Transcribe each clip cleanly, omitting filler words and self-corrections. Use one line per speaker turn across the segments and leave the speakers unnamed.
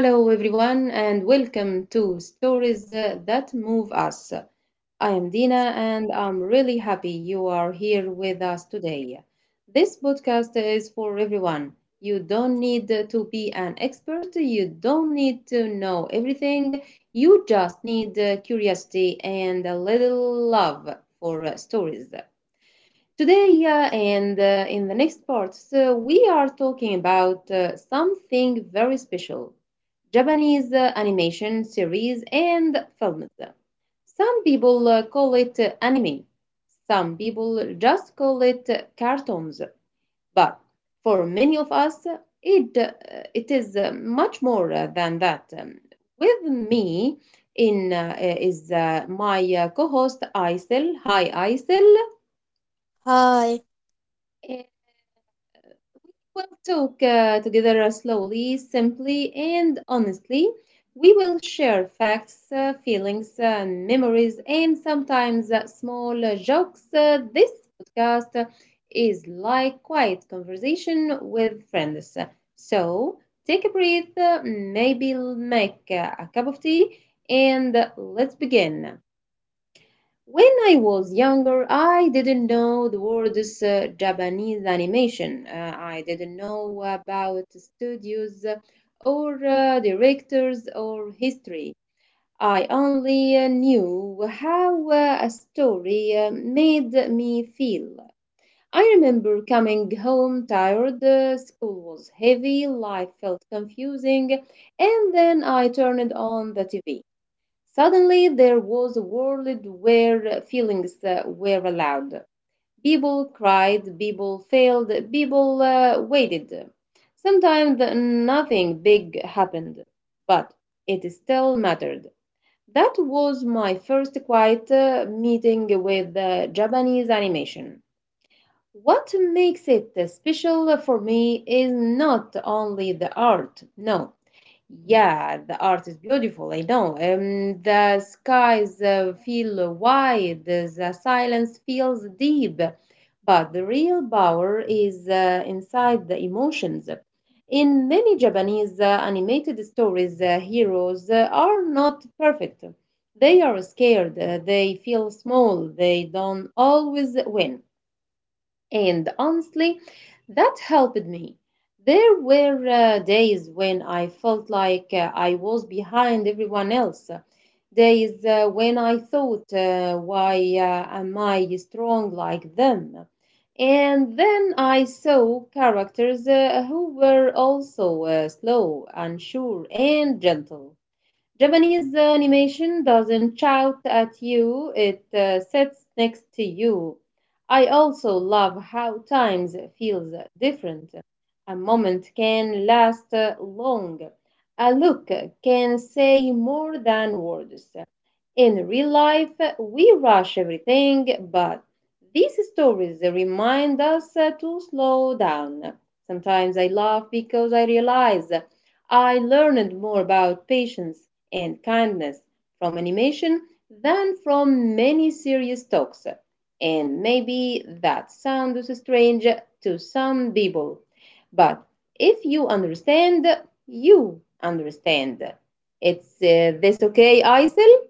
Hello, everyone, and welcome to Stories That Move Us. I am Dina, and I'm really happy you are here with us today. This podcast is for everyone. You don't need to be an expert, you don't need to know everything, you just need curiosity and a little love for stories. Today and in the next part, so we are talking about something very special, Japanese animation series and films. Some people call it anime, some people just call it cartoons. But for many of us, it, uh, it is much more than that. With me in is my co host Aysel. Hi, Aysel.
Hi.
We'll talk together, slowly, simply, and honestly. We will share facts, feelings, memories, and sometimes small jokes. This podcast is like quiet conversation with friends. So take a breath, maybe make a cup of tea, and let's begin. When I was younger, I didn't know the word is Japanese animation. I didn't know about studios or directors or history. I only knew how a story made me feel. I remember coming home tired, school was heavy, life felt confusing, and then I turned on the TV. Suddenly there was a world where feelings were allowed. People cried, people failed, people waited. Sometimes nothing big happened, but it still mattered. That was my first quiet meeting with Japanese animation. What makes it special for me is not only the art. No, yeah, the art is beautiful. I know. The skies feel wide, the silence feels deep, but the real power is inside the emotions. In many Japanese animated stories, heroes are not perfect. They are scared, they feel small, they don't always win. And honestly, that helped me. There were days when I felt like I was behind everyone else, days when I thought, why am I strong like them? And then I saw characters who were also slow, unsure, and gentle. Japanese animation doesn't shout at you, it sits next to you. I also love how times feels different. A moment can last long. A look can say more than words. In real life, we rush everything, but these stories remind us to slow down. Sometimes I laugh because I realize I learned more about patience and kindness from animation than from many serious talks, and maybe that sounds strange to some people. But if you understand, you understand. It's this okay, Aysel?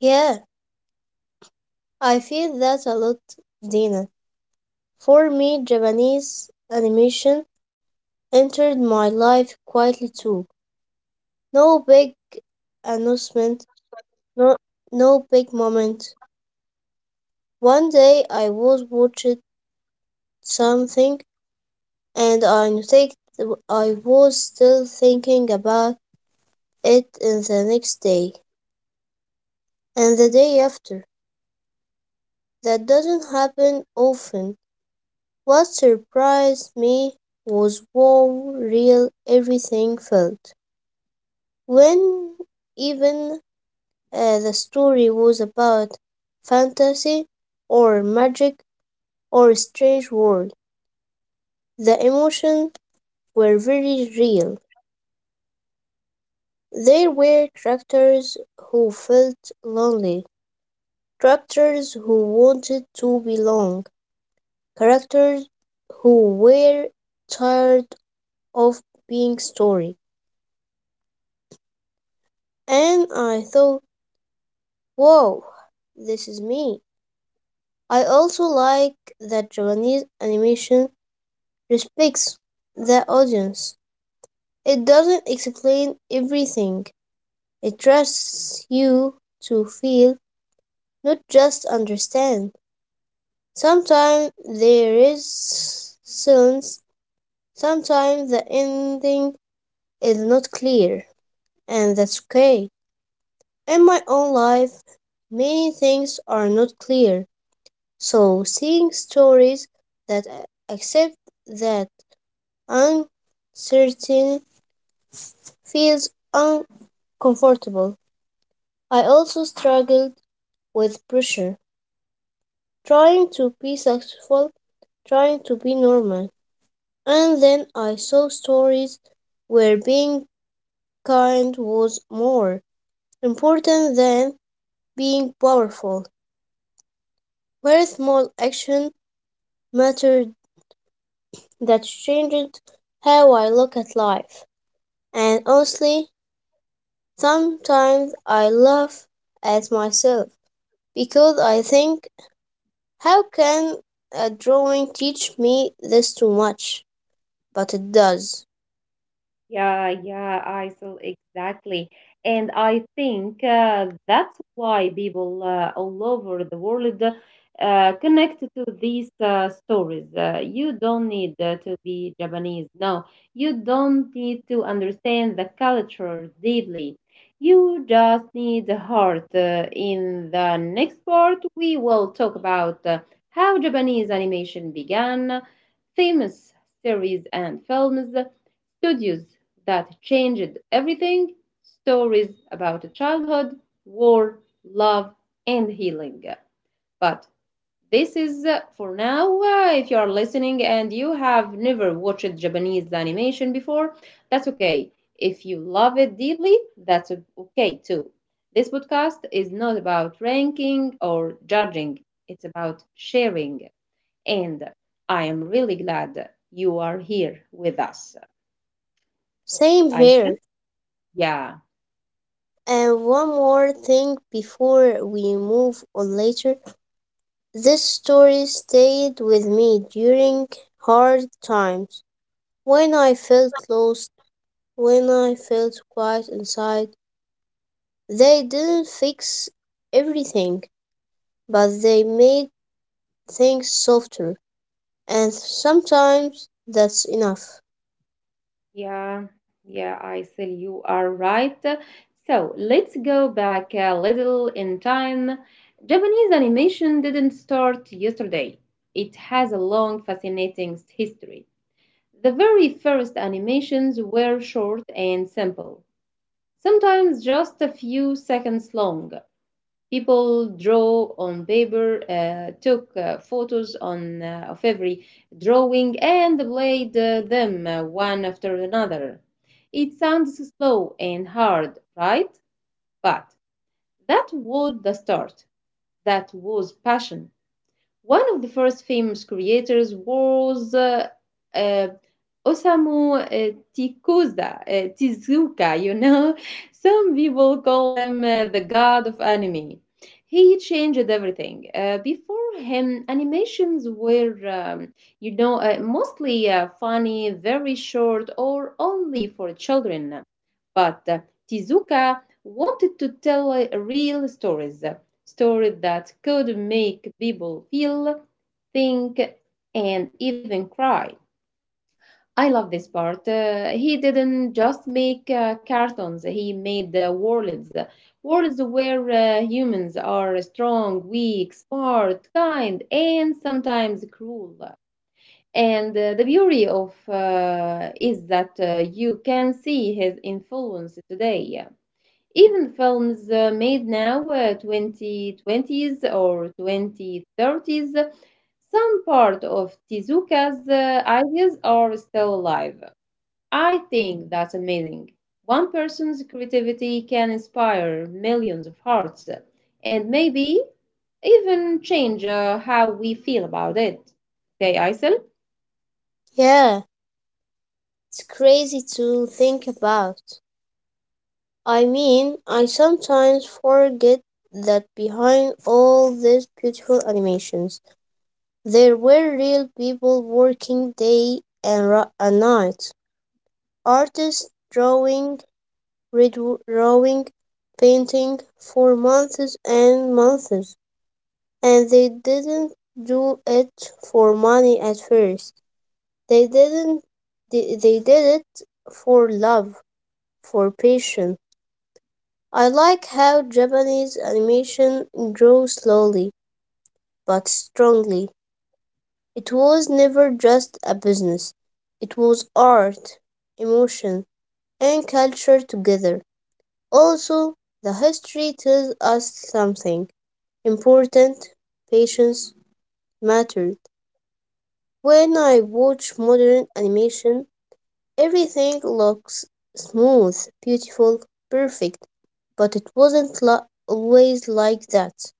Yeah, I feel that a lot, Dina. For me, Japanese animation entered my life quietly too. No big announcement, no, no big moment. One day I was watching something and I noticed I was still thinking about it in the next day and the day after. That doesn't happen often. What surprised me was how real everything felt. When even the story was about fantasy or magic or a strange world, the emotions were very real. There were characters who felt lonely, characters who wanted to belong, characters who were tired of being story. And I thought, wow, this is me. I also like that Japanese animation respects the audience. It doesn't explain everything, it trusts you to feel, not just understand. Sometimes there is silence, sometimes the ending is not clear, and that's okay. In my own life, many things are not clear. So, seeing stories that accept that uncertainty feels uncomfortable. I also struggled with pressure, trying to be successful, trying to be normal. And then I saw stories where being kind was more important than being powerful, where small action mattered that changed how I look at life. And honestly, sometimes I laugh at myself because I think, how can a drawing teach me this too much? But it does.
Yeah, yeah, I saw exactly. And I think that's why people all over the world connect to these stories. You don't need to be Japanese. No, you don't need to understand the culture deeply. You just need the heart. In the next part, we will talk about how Japanese animation began, famous series and films, studies that changed everything, stories about childhood, war, love, and healing. But this is for now. If you are listening and you have never watched Japanese animation before, that's okay. If you love it deeply, that's okay too. This podcast is not about ranking or judging, it's about sharing. And I am really glad you are here with us.
Same
I said
here.
yeah,
And one more thing before we move on later. This story stayed with me during hard times. When I felt lost, when I felt quiet inside, they didn't fix everything, but they made things softer, and sometimes that's enough.
yeah, yeah, I Aysel, you are right. So let's go back a little in time. Japanese animation didn't start yesterday, it has a long, fascinating history. The very first animations were short and simple, sometimes just a few seconds long. People draw on paper, took photos on of every drawing, and played them one after another. It sounds slow and hard, right? But that was the start. That was passion. One of the first famous creators was uh, Osamu Tezuka, Tezuka, you know. Some people call him the god of anime. He changed everything. Before him, animations were, you know, mostly funny, very short, or only for children. But Tezuka wanted to tell real stories, stories that could make people feel, think, and even cry. I love this part. He didn't just make cartoons, he made worlds. Worlds where humans are strong, weak, smart, kind, and sometimes cruel. And the beauty of is that you can see his influence today. Even films made now, 2020s or 2030s, some part of Tezuka's ideas are still alive. I think that's amazing. One person's creativity can inspire millions of hearts. And maybe even change how we feel about it. Okay, Aysel?
Yeah, it's crazy to think about. I mean, I sometimes forget that behind all these beautiful animations, there were real people working day and, and night. Artists drawing, redrawing, painting for months and months, and they didn't do it for money at first. They didn't they did it for love, for passion. I like how Japanese animation grew slowly but strongly. It was never just a business. It was art, emotion, and culture together. Also, the history tells us something important. Patience mattered. When I watch modern animation, everything looks smooth, beautiful, perfect, but it wasn't always like that.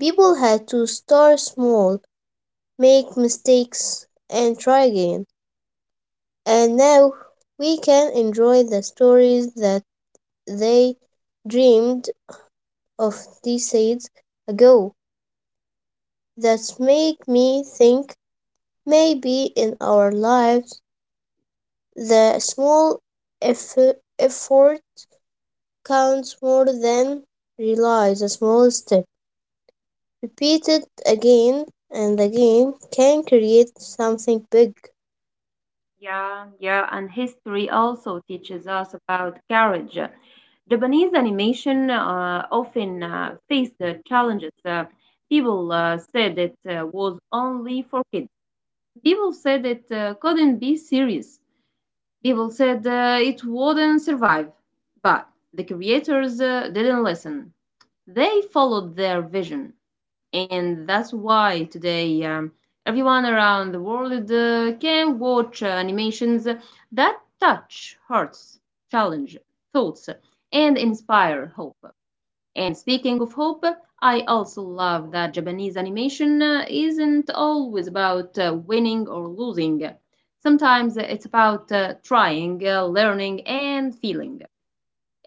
People had to start small, make mistakes, and try again. And now we can enjoy the stories that they dreamed of decades ago. That make me think maybe in our lives the small effort counts more than realize a small step. Repeated again and again can create something big.
Yeah, yeah, and history also teaches us about courage. Japanese animation often faced the challenges. People said it was only for kids. People said it couldn't be serious. People said it wouldn't survive, but the creators didn't listen. They followed their vision, and that's why today, everyone around the world can watch animations that touch hearts, challenge thoughts, and inspire hope. And speaking of hope, I also love that Japanese animation isn't always about winning or losing. Sometimes it's about trying, learning, and feeling.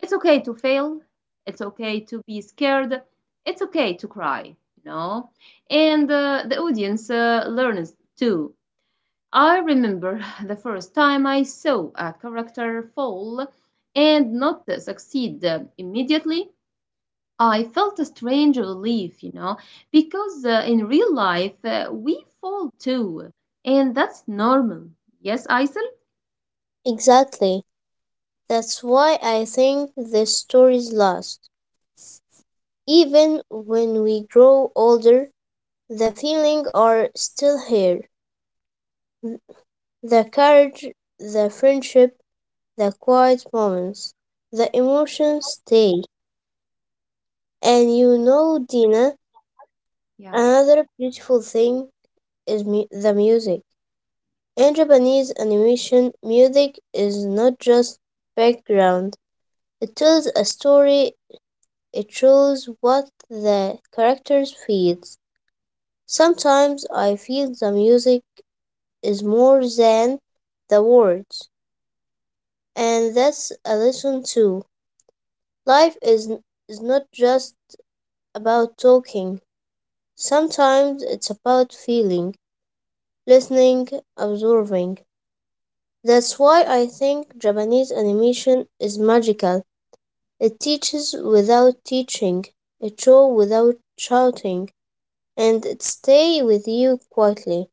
It's okay to fail. It's okay to be scared. It's okay to cry, you know? And the audience learns too. I remember the first time I saw a character fall and not succeed immediately, I felt a strange relief, you know, because in real life we fall too, and that's normal. Yes, Aysel?
Exactly. That's why I think the stories last. Even when we grow older, the feeling are still here. The courage, the friendship, the quiet moments, the emotions stay. And you know, Dina,
Yeah.
another beautiful thing is the music. In Japanese animation, music is not just background, it tells a story, it shows what the characters feel. Sometimes I feel the music is more than the words, and that's a lesson too. Life is, is not just about talking, sometimes it's about feeling, listening, observing. That's why I think Japanese animation is magical. It teaches without teaching, it show without shouting, and it stay with you quietly.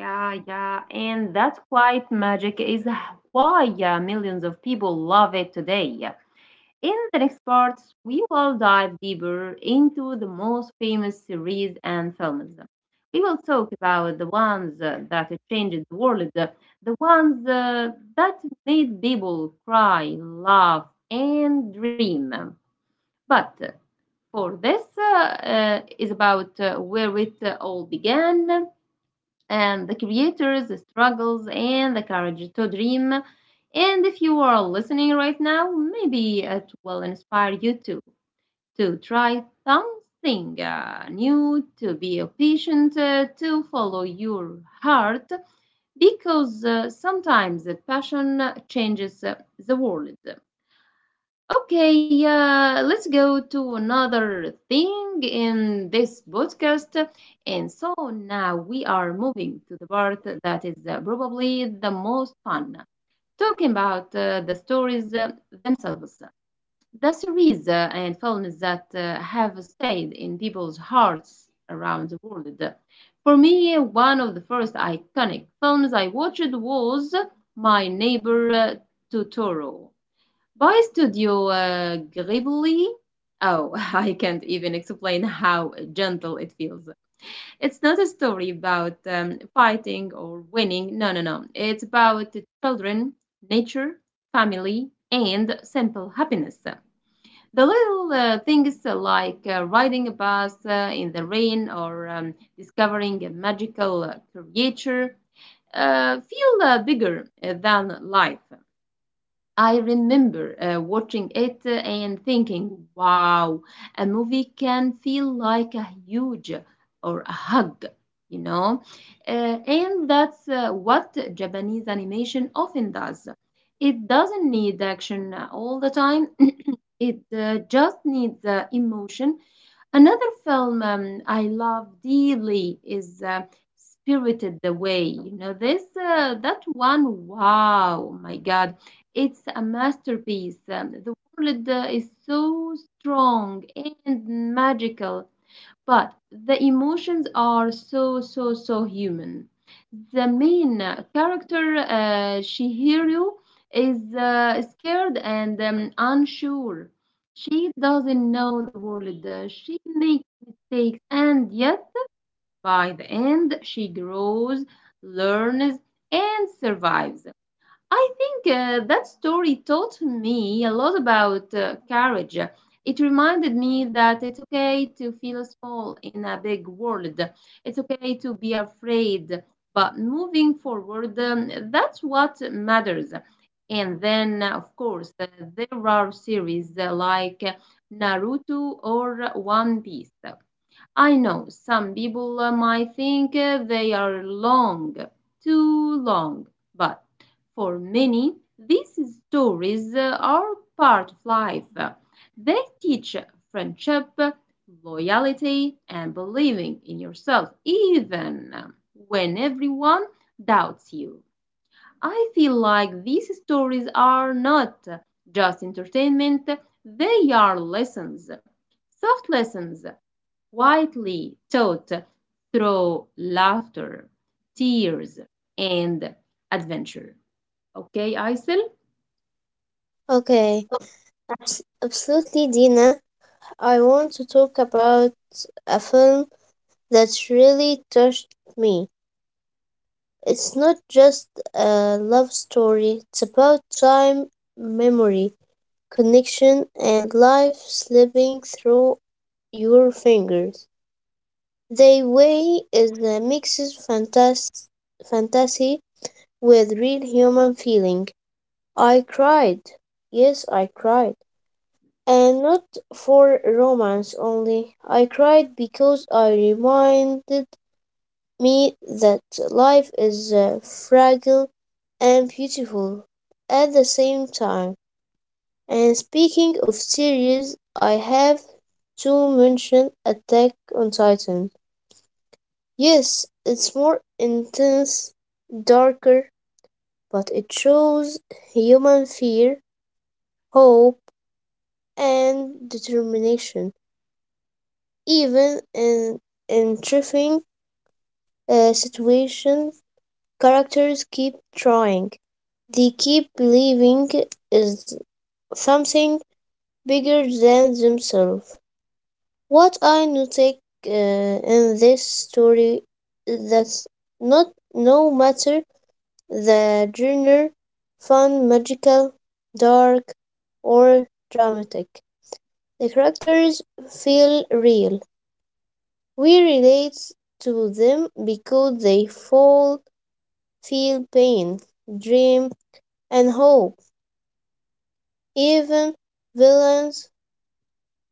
Yeah, yeah, and that quiet magic is why millions of people love it today. In the next parts, we will dive deeper into the most famous series and films. We will talk about the ones that changed the world, the ones that made people cry, laugh, and dream. But for this is about where it all began and the creators, the struggles, and the courage to dream. And if you are listening right now, maybe it will inspire you to try something new, to be a patient, to follow your heart, because sometimes the passion changes the world. Okay, let's go to another thing in this podcast. And so now we are moving to the part that is probably the most fun, talking about the stories themselves, the series and films that have stayed in people's hearts around the world. For me, one of the first iconic films I watched was My Neighbor Totoro. By Studio Ghibli, oh, I can't even explain how gentle it feels. It's not a story about fighting or winning. No, no, no. It's about children, nature, family, and simple happiness. The little things like riding a bus in the rain or discovering a magical creature feel bigger than life. I remember watching it and thinking, wow, a movie can feel like a huge or a hug, you know? And that's what Japanese animation often does. It doesn't need action all the time, it just needs emotion. Another film I love dearly is Spirited Away. You know this that one. Wow, my God, it's a masterpiece. The world is so strong and magical, but the emotions are so, so, so human. The main character, Shihiro, is scared and unsure. She doesn't know the world. She makes mistakes, and yet by the end, she grows, learns, and survives. I think that story taught me a lot about courage. It reminded me that it's okay to feel small in a big world. It's okay to be afraid, but moving forward, that's what matters. And then, of course, there are series like Naruto or One Piece. I know some people might think they are long, too long, but for many, these stories are part of life. They teach friendship, loyalty, and believing in yourself, even when everyone doubts you. I feel like these stories are not just entertainment, they are lessons, soft lessons widely taught through laughter, tears, and adventure. Okay, Aisel?
Okay, absolutely, Dina. I want to talk about a film that really touched me. It's not just a love story, it's about time, memory, connection, and life slipping through your fingers. They way is a mixes fantasy with real human feeling. I cried. Yes, I cried. And not for romance only. I cried because I reminded me that life is fragile and beautiful at the same time. And speaking of series, I have to mention Attack on Titan. Yes, it's more intense, darker, but it shows human fear hope, and determination. Even in trying situations, characters keep trying. They keep believing is something bigger than themselves. What I noticed in this story is that not no matter the genre, fun, magical, dark, or dramatic, the characters feel real. We relate to them because they fall, feel pain, dream, and hope. Even villains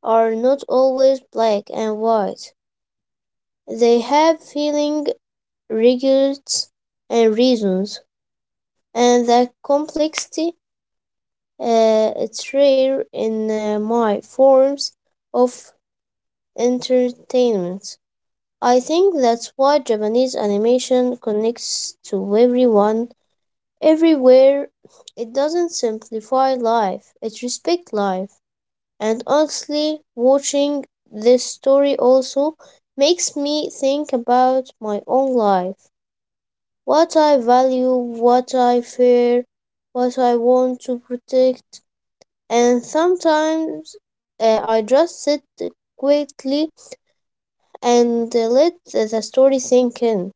are not always black and white. They have feelings, regrets, and reasons, and that complexity is rare in my forms of entertainment. I think that's why Japanese animation connects to everyone everywhere. It doesn't simplify life, it respects life. And honestly, watching this story also makes me think about my own life. What I value, what I fear, what I want to protect. And sometimes I just sit quietly and let the story sink in.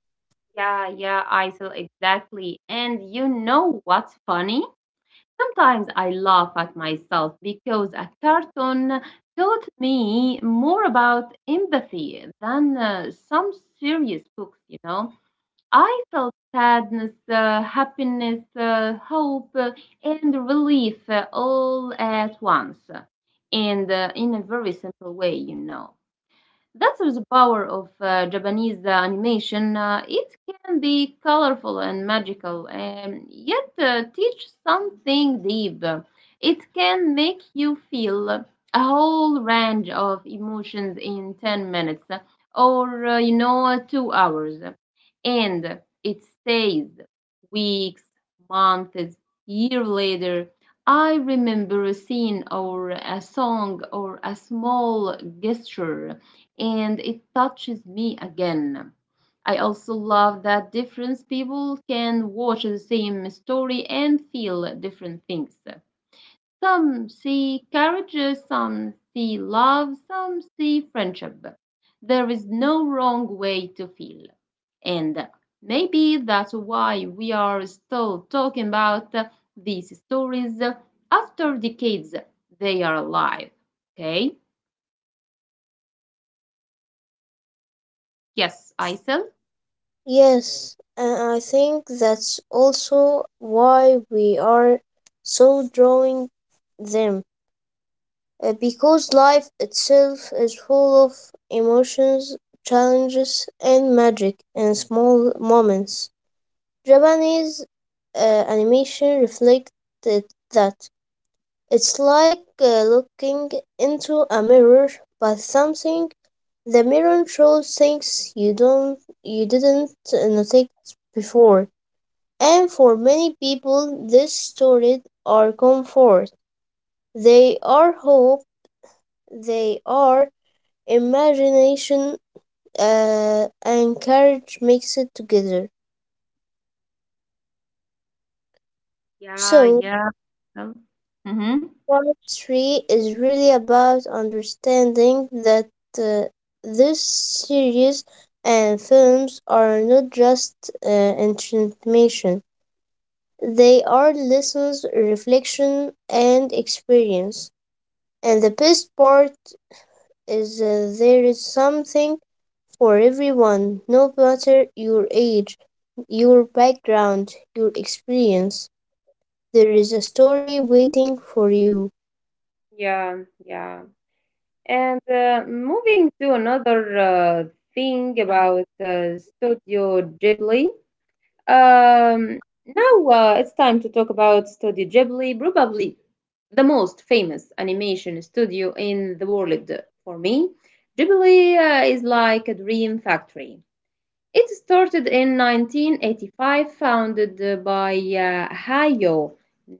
Yeah, yeah, Aisel, exactly. And you know what's funny? Sometimes I laugh at myself because a cartoon taught me more about empathy than some serious books, you know. I felt sadness, happiness, hope, and relief all at once, and in a very simple way, you know. That's the power of Japanese animation. It can be colorful and magical, and yet teach something deep. It can make you feel a whole range of emotions in 10 minutes or, 2 hours. And it stays weeks, months, year later. I remember a scene or a song or a small gesture, and it touches me again. I also love that different people can watch the same story and feel different things. Some see courage, some see love, some see friendship. There is no wrong way to feel. And maybe that's why we are still talking about these stories after decades. They are alive. Okay? Yes, I said.
Yes, and I think that's also why we are so drawing them, because life itself is full of emotions, challenges, and magic in small moments. Japanese animation reflected that. It's like looking into a mirror, but something the mirror shows things you didn't notice before, and for many people, these stories are comfort. They are hope. They are imagination and courage mixed together.
Yeah,
So,
yeah. Oh. Mhm.
part three is really about understanding that uh, this series and films are not just entertainment, they are lessons, reflection, and experience. And the best part is there is something for everyone, no matter your age, your background, your experience. There is a story waiting for you.
Yeah, yeah. And moving to another thing about Studio Ghibli. Um, now it's time to talk about Studio Ghibli, probably the most famous animation studio in the world for me. Ghibli is like a dream factory. It started in 1985, founded by Hayao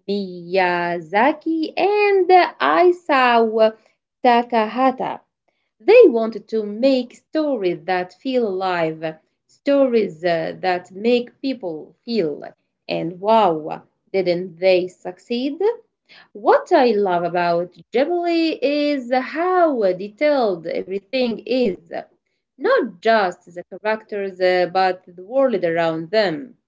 Miyazaki and Isao Takahata. They wanted to make stories that feel alive, stories that make people feel. And wow, didn't they succeed? What I love about Ghibli is how detailed everything is. Not just the characters, but the world around them.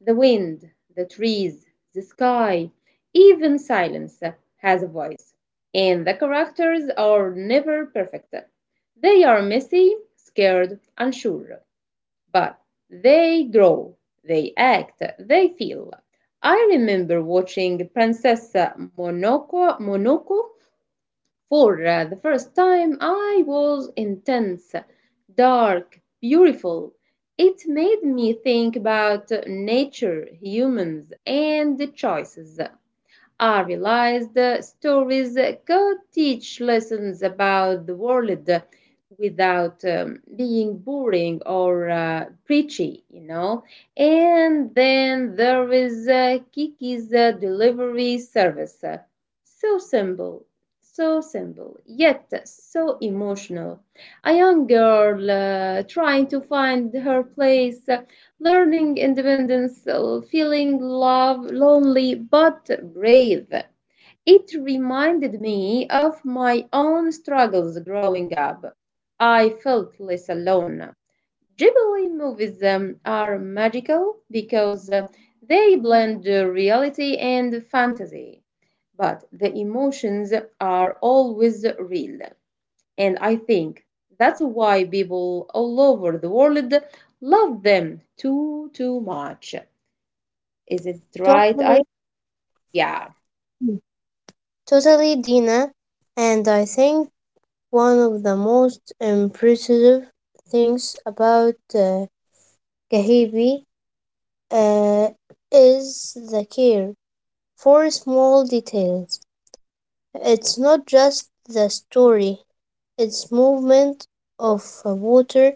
The wind, the trees, the sky, even silence has a voice. And the characters are never perfect. They are messy, scared, unsure. But they grow, they act, they feel. I remember watching Princess Monoco for the first time. I was intense, dark, beautiful. It made me think about nature, humans, and the choices. I realized stories could teach lessons about the world without being boring or preachy, you know. And then there is Kiki's delivery service. So simple, so simple, yet so emotional. A young girl trying to find her place, learning independence, feeling love, lonely but brave. It reminded me of my own struggles growing up. I felt less alone. Ghibli movies are magical because they blend reality and fantasy, but the emotions are always real. And I think that's why people all over the world love them too much. Is it right? I
Totally,
yeah.
totally, Dina. And I think one of the most impressive things about Kahibi uh, is the care for small details. It's not just the story, it's movement of water,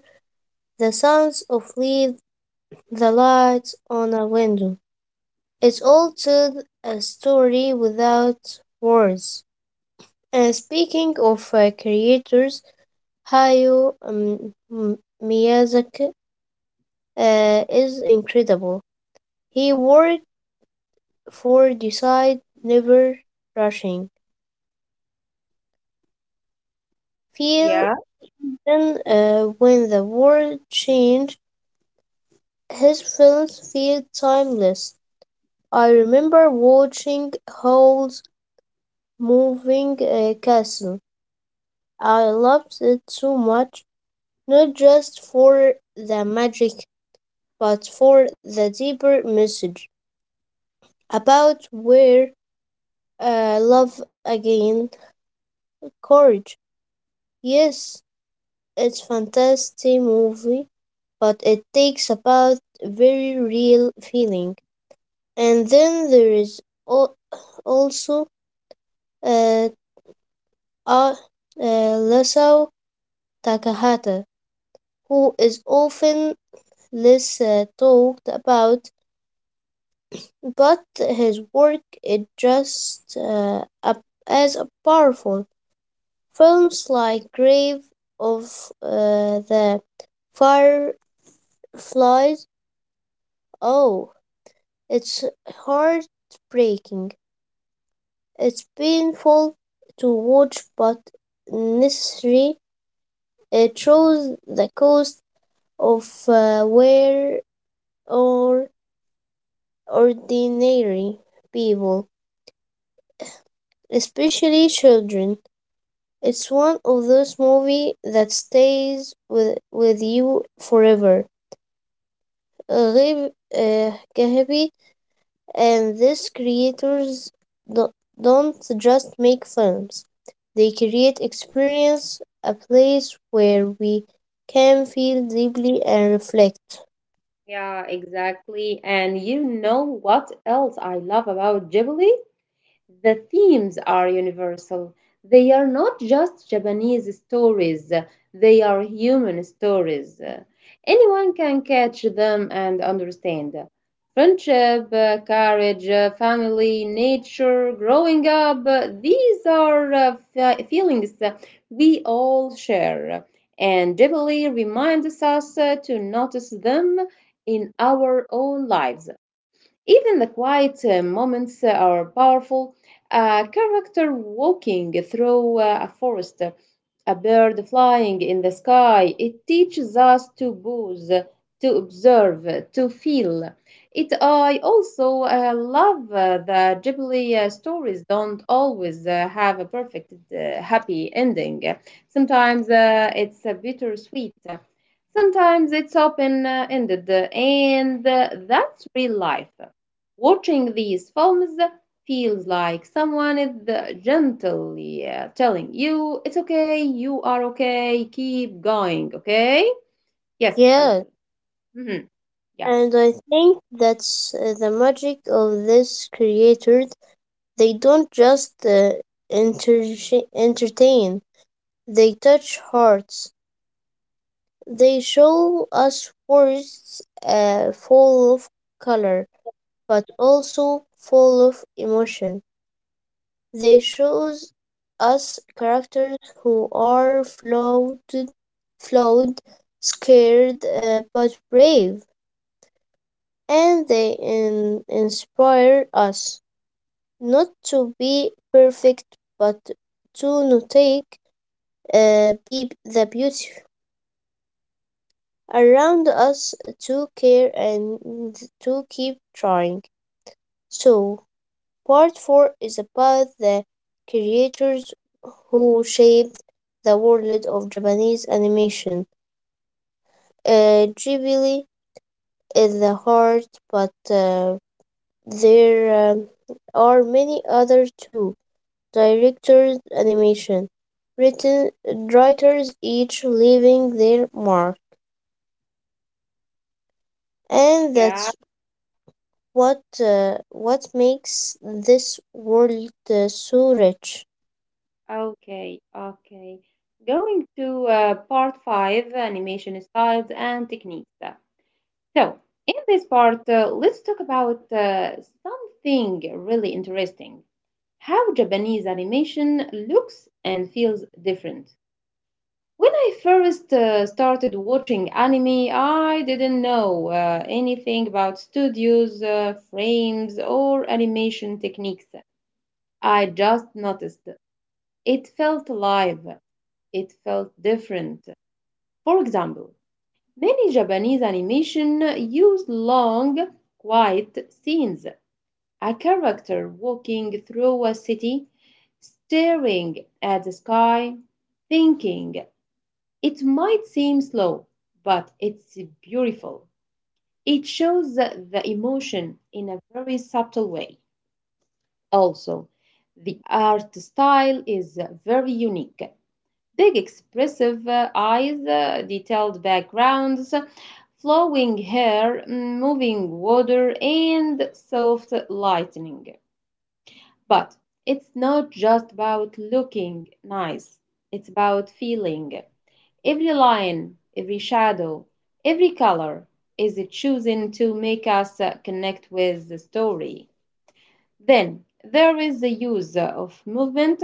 the sounds of leaves, the lights on a window. It's all told a story without words. And speaking of creators, Hayao Miyazaki is incredible. He worked for Decide Never Rushing. Feel
Yeah,
then when the world changed, his films feel timeless. I remember watching Howl's Moving Castle. I loved it so much, not just for the magic, but for the deeper message about where, love again, courage. Yes, it's fantastic movie, but it takes about very real feeling. And then there is al- also uh, are Lesao Takahata, who is often less talked about, but his work is just as a powerful. Films like Grave of the Fireflies, oh, it's heartbreaking. It's painful to watch, but necessary. It shows the cost of where or ordinary people, especially children. It's one of those movies that stays with you forever. Ghaib- uh, Gahabi and these creators do- don't just make films, they create experience, a place where we can feel deeply and reflect.
yeah, exactly. And you know what else I love about Ghibli? The themes are universal. They are not just Japanese stories, they are human stories. Anyone can catch them and understand. Friendship, courage, family, nature, growing up, these are feelings that we all share. And Ghibli reminds us to notice them in our own lives. Even the quiet moments are powerful. A character walking through a forest, a bird flying in the sky, it teaches us to pause, to observe, to feel. I also love that Ghibli stories don't always have a perfect, happy ending. Sometimes it's bittersweet. Sometimes it's open ended, and that's real life. Watching these films feels like someone is gently telling you, it's okay, you are okay, keep going, okay? Yes, I
Yeah,
said. Hmm. Yeah,
and I think that's the magic of this creator. They don't just entertain, they touch hearts. They show us words full of color, but also full of emotion. They shows us characters who are flawed, scared, but brave, and they inspire us not to be perfect, but to notate be the beauty around us, to care and to keep trying. So, part 4 is about the creators who shaped the world of Japanese animation. Ghibli is the heart, but there are many other too. Directors, animation, written writers, each leaving their mark, and
yeah,
that's what what makes this world so rich?
okay, okay. Going to part 5, animation styles and techniques. So, in this part, let's talk about something really interesting: how Japanese animation looks and feels different. When I first started watching anime, I didn't know anything about studios, frames, or animation techniques. I just noticed it felt alive, it felt different. For example, many Japanese animation use long, quiet scenes. A character walking through a city, staring at the sky, thinking. It might seem slow, but it's beautiful. It shows the emotion in a very subtle way. Also, the art style is very unique. Big, expressive eyes, detailed backgrounds, flowing hair, moving water, and soft lightning. But it's not just about looking nice, it's about feeling. Every line, every shadow, every color is chosen to make us connect with the story. Then there is the use of movement.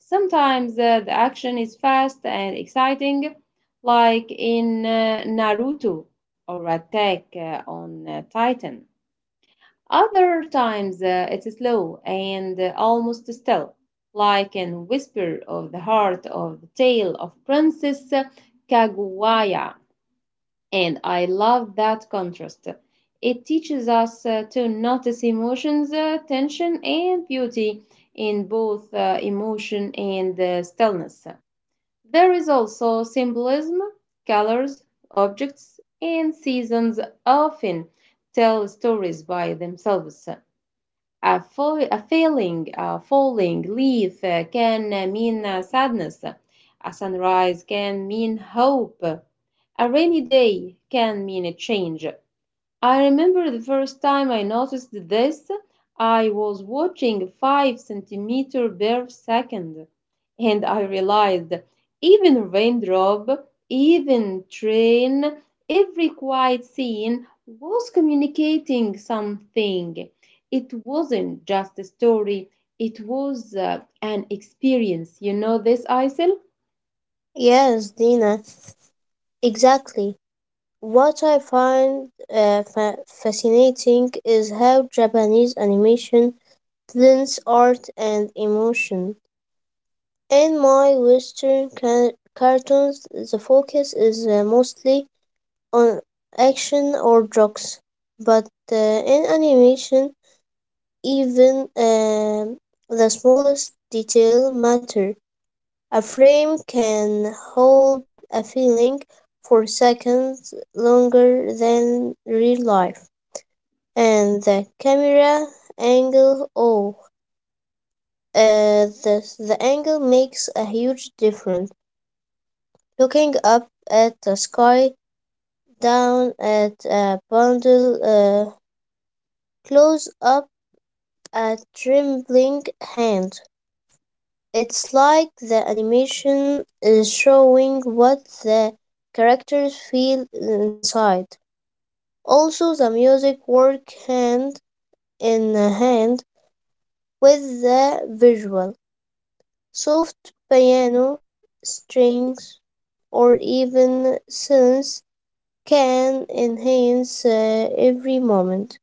Sometimes the action is fast and exciting, like in Naruto or Attack on Titan. Other times it's slow and almost still, like in Whisper of the Heart of the Tale of Princess Kaguya. And I love that contrast. It teaches us to notice emotions, tension, and beauty in both emotion and stillness. There is also symbolism, colors, objects, and seasons often tell stories by themselves. A failing, a falling leaf can mean sadness. A sunrise can mean hope. A rainy day can mean a change. I remember the first time I noticed this, I was watching 5 centimeter per second, and I realized even raindrop, even train, every quiet scene was communicating something. It wasn't just a story, it was an experience. You know this, Isel?
Yes, Dina, exactly. What I find fascinating is how Japanese animation blends art and emotion. In my Western cartoons, the focus is mostly on action or drugs, but in animation, even the smallest detail matter. A frame can hold a feeling for seconds longer than real life. And the camera angle, oh, the angle makes a huge difference. Looking up at the sky, down at a bundle, close up a trembling hand. It's like the animation is showing what the characters feel inside. Also, the music work hand in hand with the visual. Soft piano strings or even synths can enhance every moment.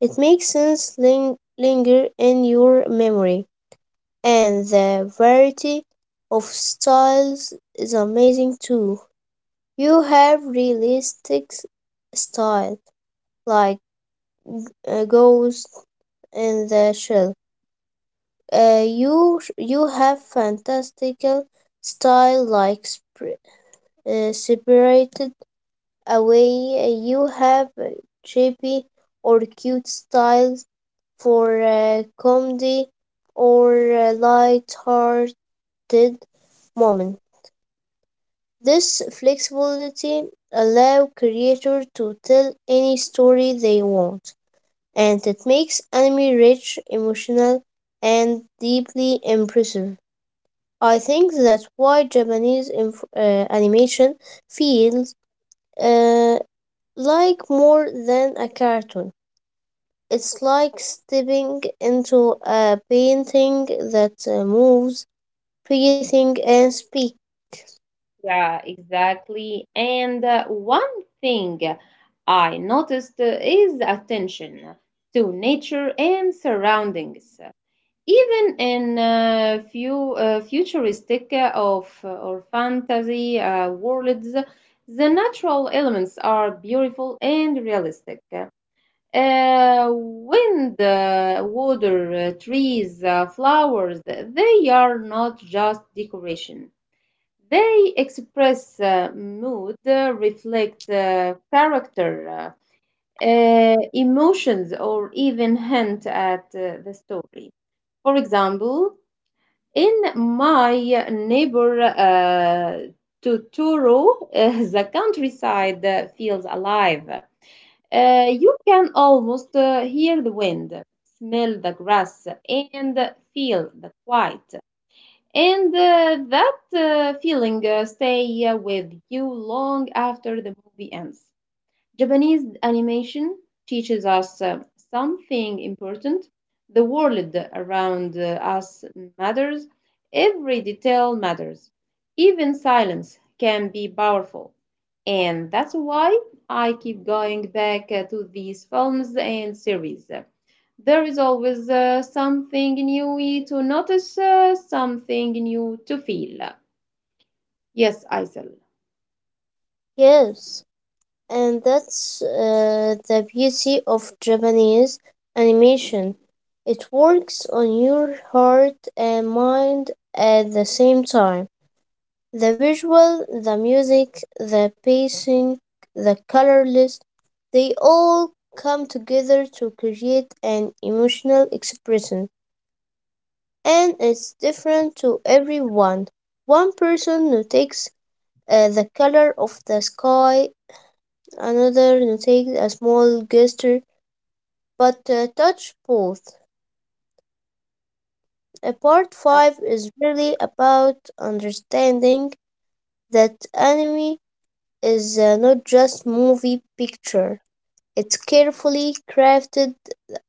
It makes sense linger in your memory. And the variety of styles is amazing too. You have realistic style like Ghost in the Shell. You have fantastical style like separated away. You have chippy or cute styles for comedy or light-hearted moment. This flexibility allows creators to tell any story they want, and it makes anime rich, emotional, and deeply impressive. I think that's why Japanese animation feels uh, like more than a cartoon. It's like stepping into a painting that moves, breathing, and speaks.
Yeah, exactly. And one thing I noticed is attention to nature and surroundings. Even in few futuristic of or fantasy worlds, the natural elements are beautiful and realistic. Wind, water, trees, flowers, they are not just decoration, they express mood, reflect character, emotions, or even hint at the story. For example, in My Neighbor Totoro, the countryside feels alive. You can almost hear the wind, smell the grass, and feel the quiet. And that feeling stay with you long after the movie ends. Japanese animation teaches us something important. The world around us matters, every detail matters. Even silence can be powerful. And that's why I keep going back to these films and series. There is always something new to notice, something new to feel. Yes, Aisel.
Yes. And that's the beauty of Japanese animation. It works on your heart and mind at the same time. The visual, the music, the pacing, the color list, they all come together to create an emotional expression. And it's different to everyone. One person notices the color of the sky, another notice a small gesture, but touch both. Part 5
Yeah,
is really about understanding that anime is not just movie picture. It's carefully crafted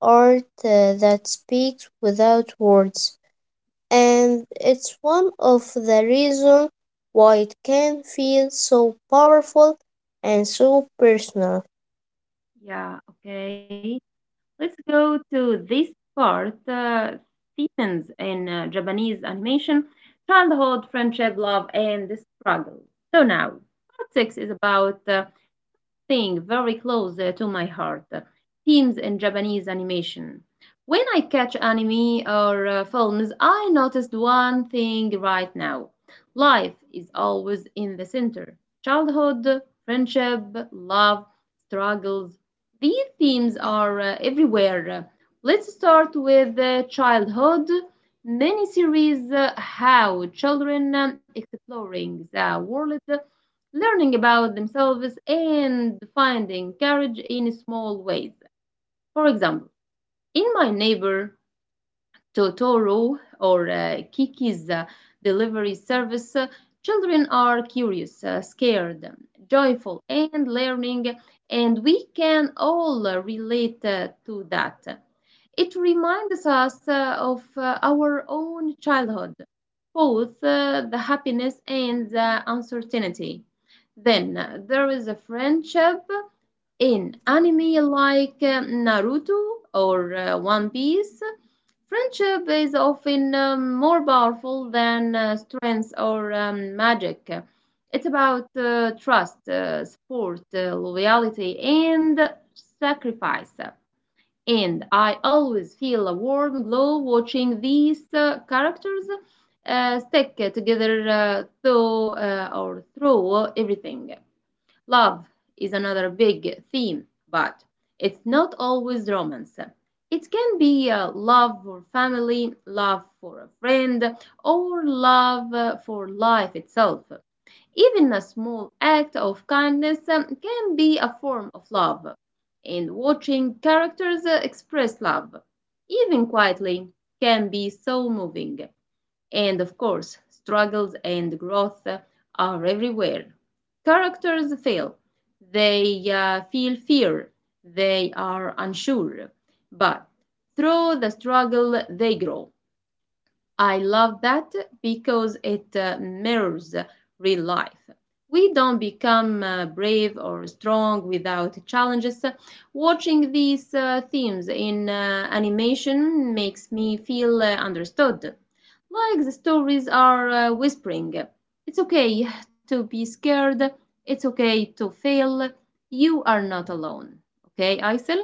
art that speaks without words, and it's one of the reasons why it can feel so powerful and so personal.
yeah, okay. Let's go to this part. Themes in Japanese animation: childhood, friendship, love, and the struggle. So now, part 6 is about thing very close to my heart, themes in Japanese animation. When I catch anime or films, I noticed one thing right now: life is always in the center. Childhood, friendship, love, struggles. These themes are everywhere. Let's start with childhood. Many series how children exploring the world, learning about themselves and finding courage in small ways. For example, in My Neighbor Totoro or Kiki's delivery service, children are curious, scared, joyful, and learning, and we can all relate to that. It reminds us of our own childhood, both the happiness and the uncertainty. Then there is a friendship in anime like Naruto or One Piece. Friendship is often more powerful than strength or magic. It's about trust, support, loyalty, and sacrifice, and I always feel a warm glow watching these characters stick together through or through everything. Love is another big theme, but it's not always romance. It can be love for family, love for a friend, or love for life itself. Even a small act of kindness can be a form of love, and watching characters express love, even quietly, can be so moving. And of course, struggles and growth are everywhere. Characters fail, they feel fear, they are unsure, but through the struggle, they grow. I love that because it mirrors real life. We don't become brave or strong without challenges. Watching these themes in animation makes me feel understood. Like the stories are whispering, it's okay to be scared, it's okay to fail, you are not alone. Okay, Aysel?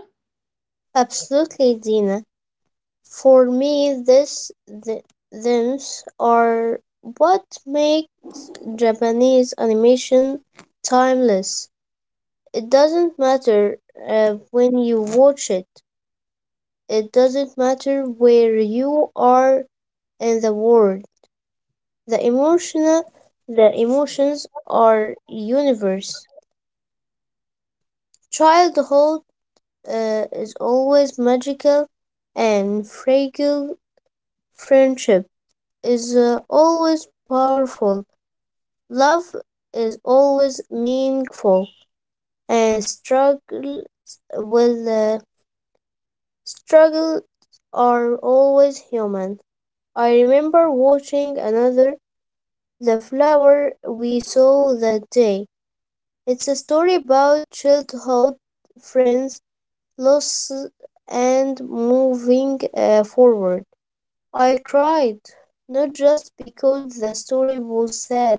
Absolutely, Dina. For me, themes are what makes Japanese animation timeless. It doesn't matter when you watch it. It doesn't matter where you are in the world. The emotional, the emotions are universe. Childhood is always magical, and fragile friendship is always powerful. Love is always meaningful, and with uh, struggles are always human. I remember watching another, The Flower We Saw That Day. It's a story about childhood friends, loss, and moving forward. I cried, not just because the story was sad,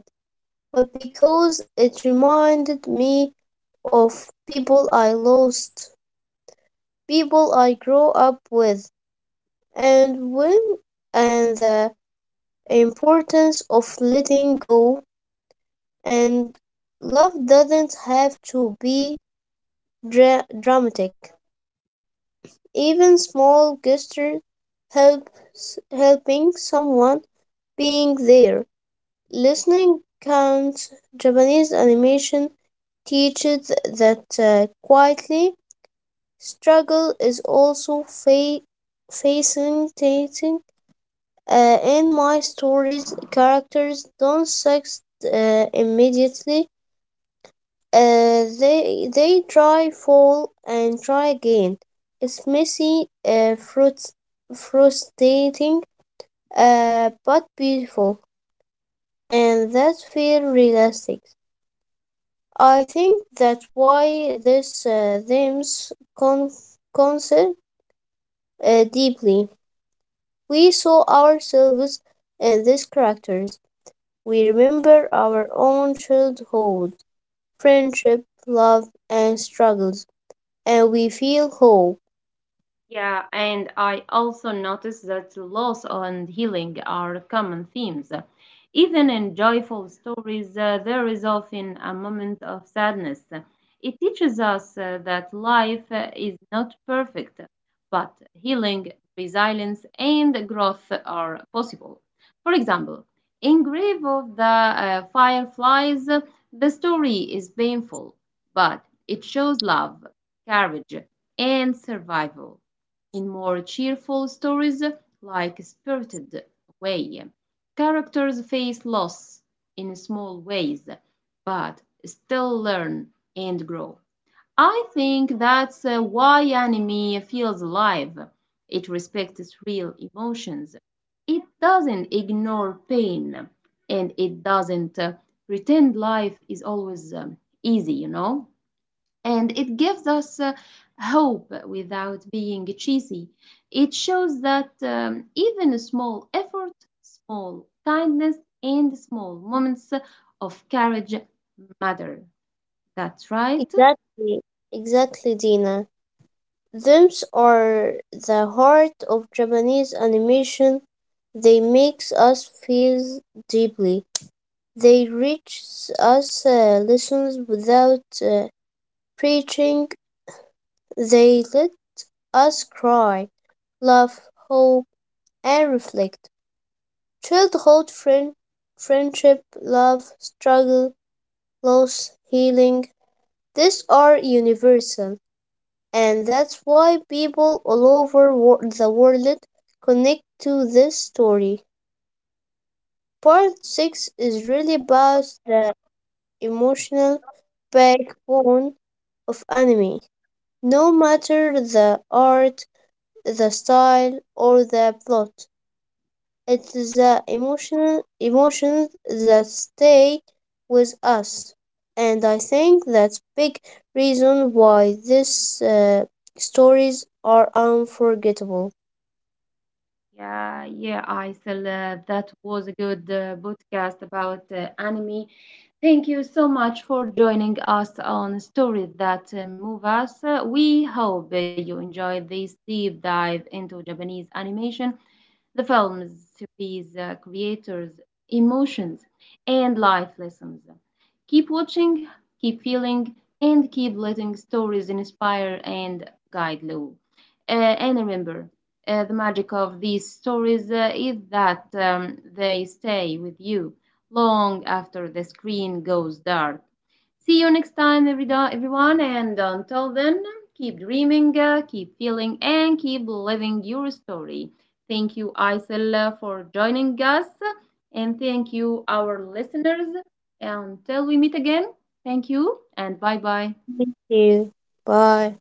but because it reminded me of people I lost, people I grew up with, and when and the importance of letting go, and love doesn't have to be dramatic. Even small gestures helps helping someone being there. Listening counts. Japanese animation teaches that quietly. Struggle is also fascinating. In my stories, characters don't succeed immediately. They try, fall, and try again. It's messy, frustrating, but beautiful, and that feel realistic. I think that's why this themes concern deeply. We saw ourselves in these characters. We remember our own childhood, friendship, love, and struggles, and we feel hope.
Yeah, and I also noticed that loss and healing are common themes. Even in joyful stories, there is often a moment of sadness. It teaches us that life is not perfect, but healing, resilience, and growth are possible. For example, in Grave of the Fireflies, the story is painful, but it shows love, courage, and survival. In more cheerful stories, like Spirited Away, characters face loss in small ways, but still learn and grow. I think that's why anime feels alive. It respects real emotions. It doesn't ignore pain, and it doesn't pretend life is always easy, you know? And it gives us hope without being cheesy. It shows that even a small effort, small kindness, and small moments of courage matter. That's right.
Exactly, exactly, Dina. Themes are the heart of Japanese animation. They make us feel deeply. They reach us lessons without preaching. They let us cry, laugh, hope and reflect. Child hold friend, friendship, love, struggle, loss, healing. These are universal, and that's why people all over the world connect to this story. Part 6 is really about the emotional backbone of anime, no matter the art, the style, or the plot. It's the emotional emotions that stay with us. And I think that's big reason why these stories are unforgettable.
Yeah, yeah, Aisel, that was a good podcast about anime. Thank you so much for joining us on Stories That Move Us. We hope you enjoyed this deep dive into Japanese animation. The films, these creators' emotions, and life lessons. Keep watching, keep feeling, and keep letting stories inspire and guide you. Uh, and remember, the magic of these stories is that they stay with you long after the screen goes dark. See you next time, everyone. And until then, keep dreaming, keep feeling, and keep living your story. Thank you, Isel, for joining us. And thank you, our listeners. Until we meet again, thank you and bye bye.
Thank you. Bye.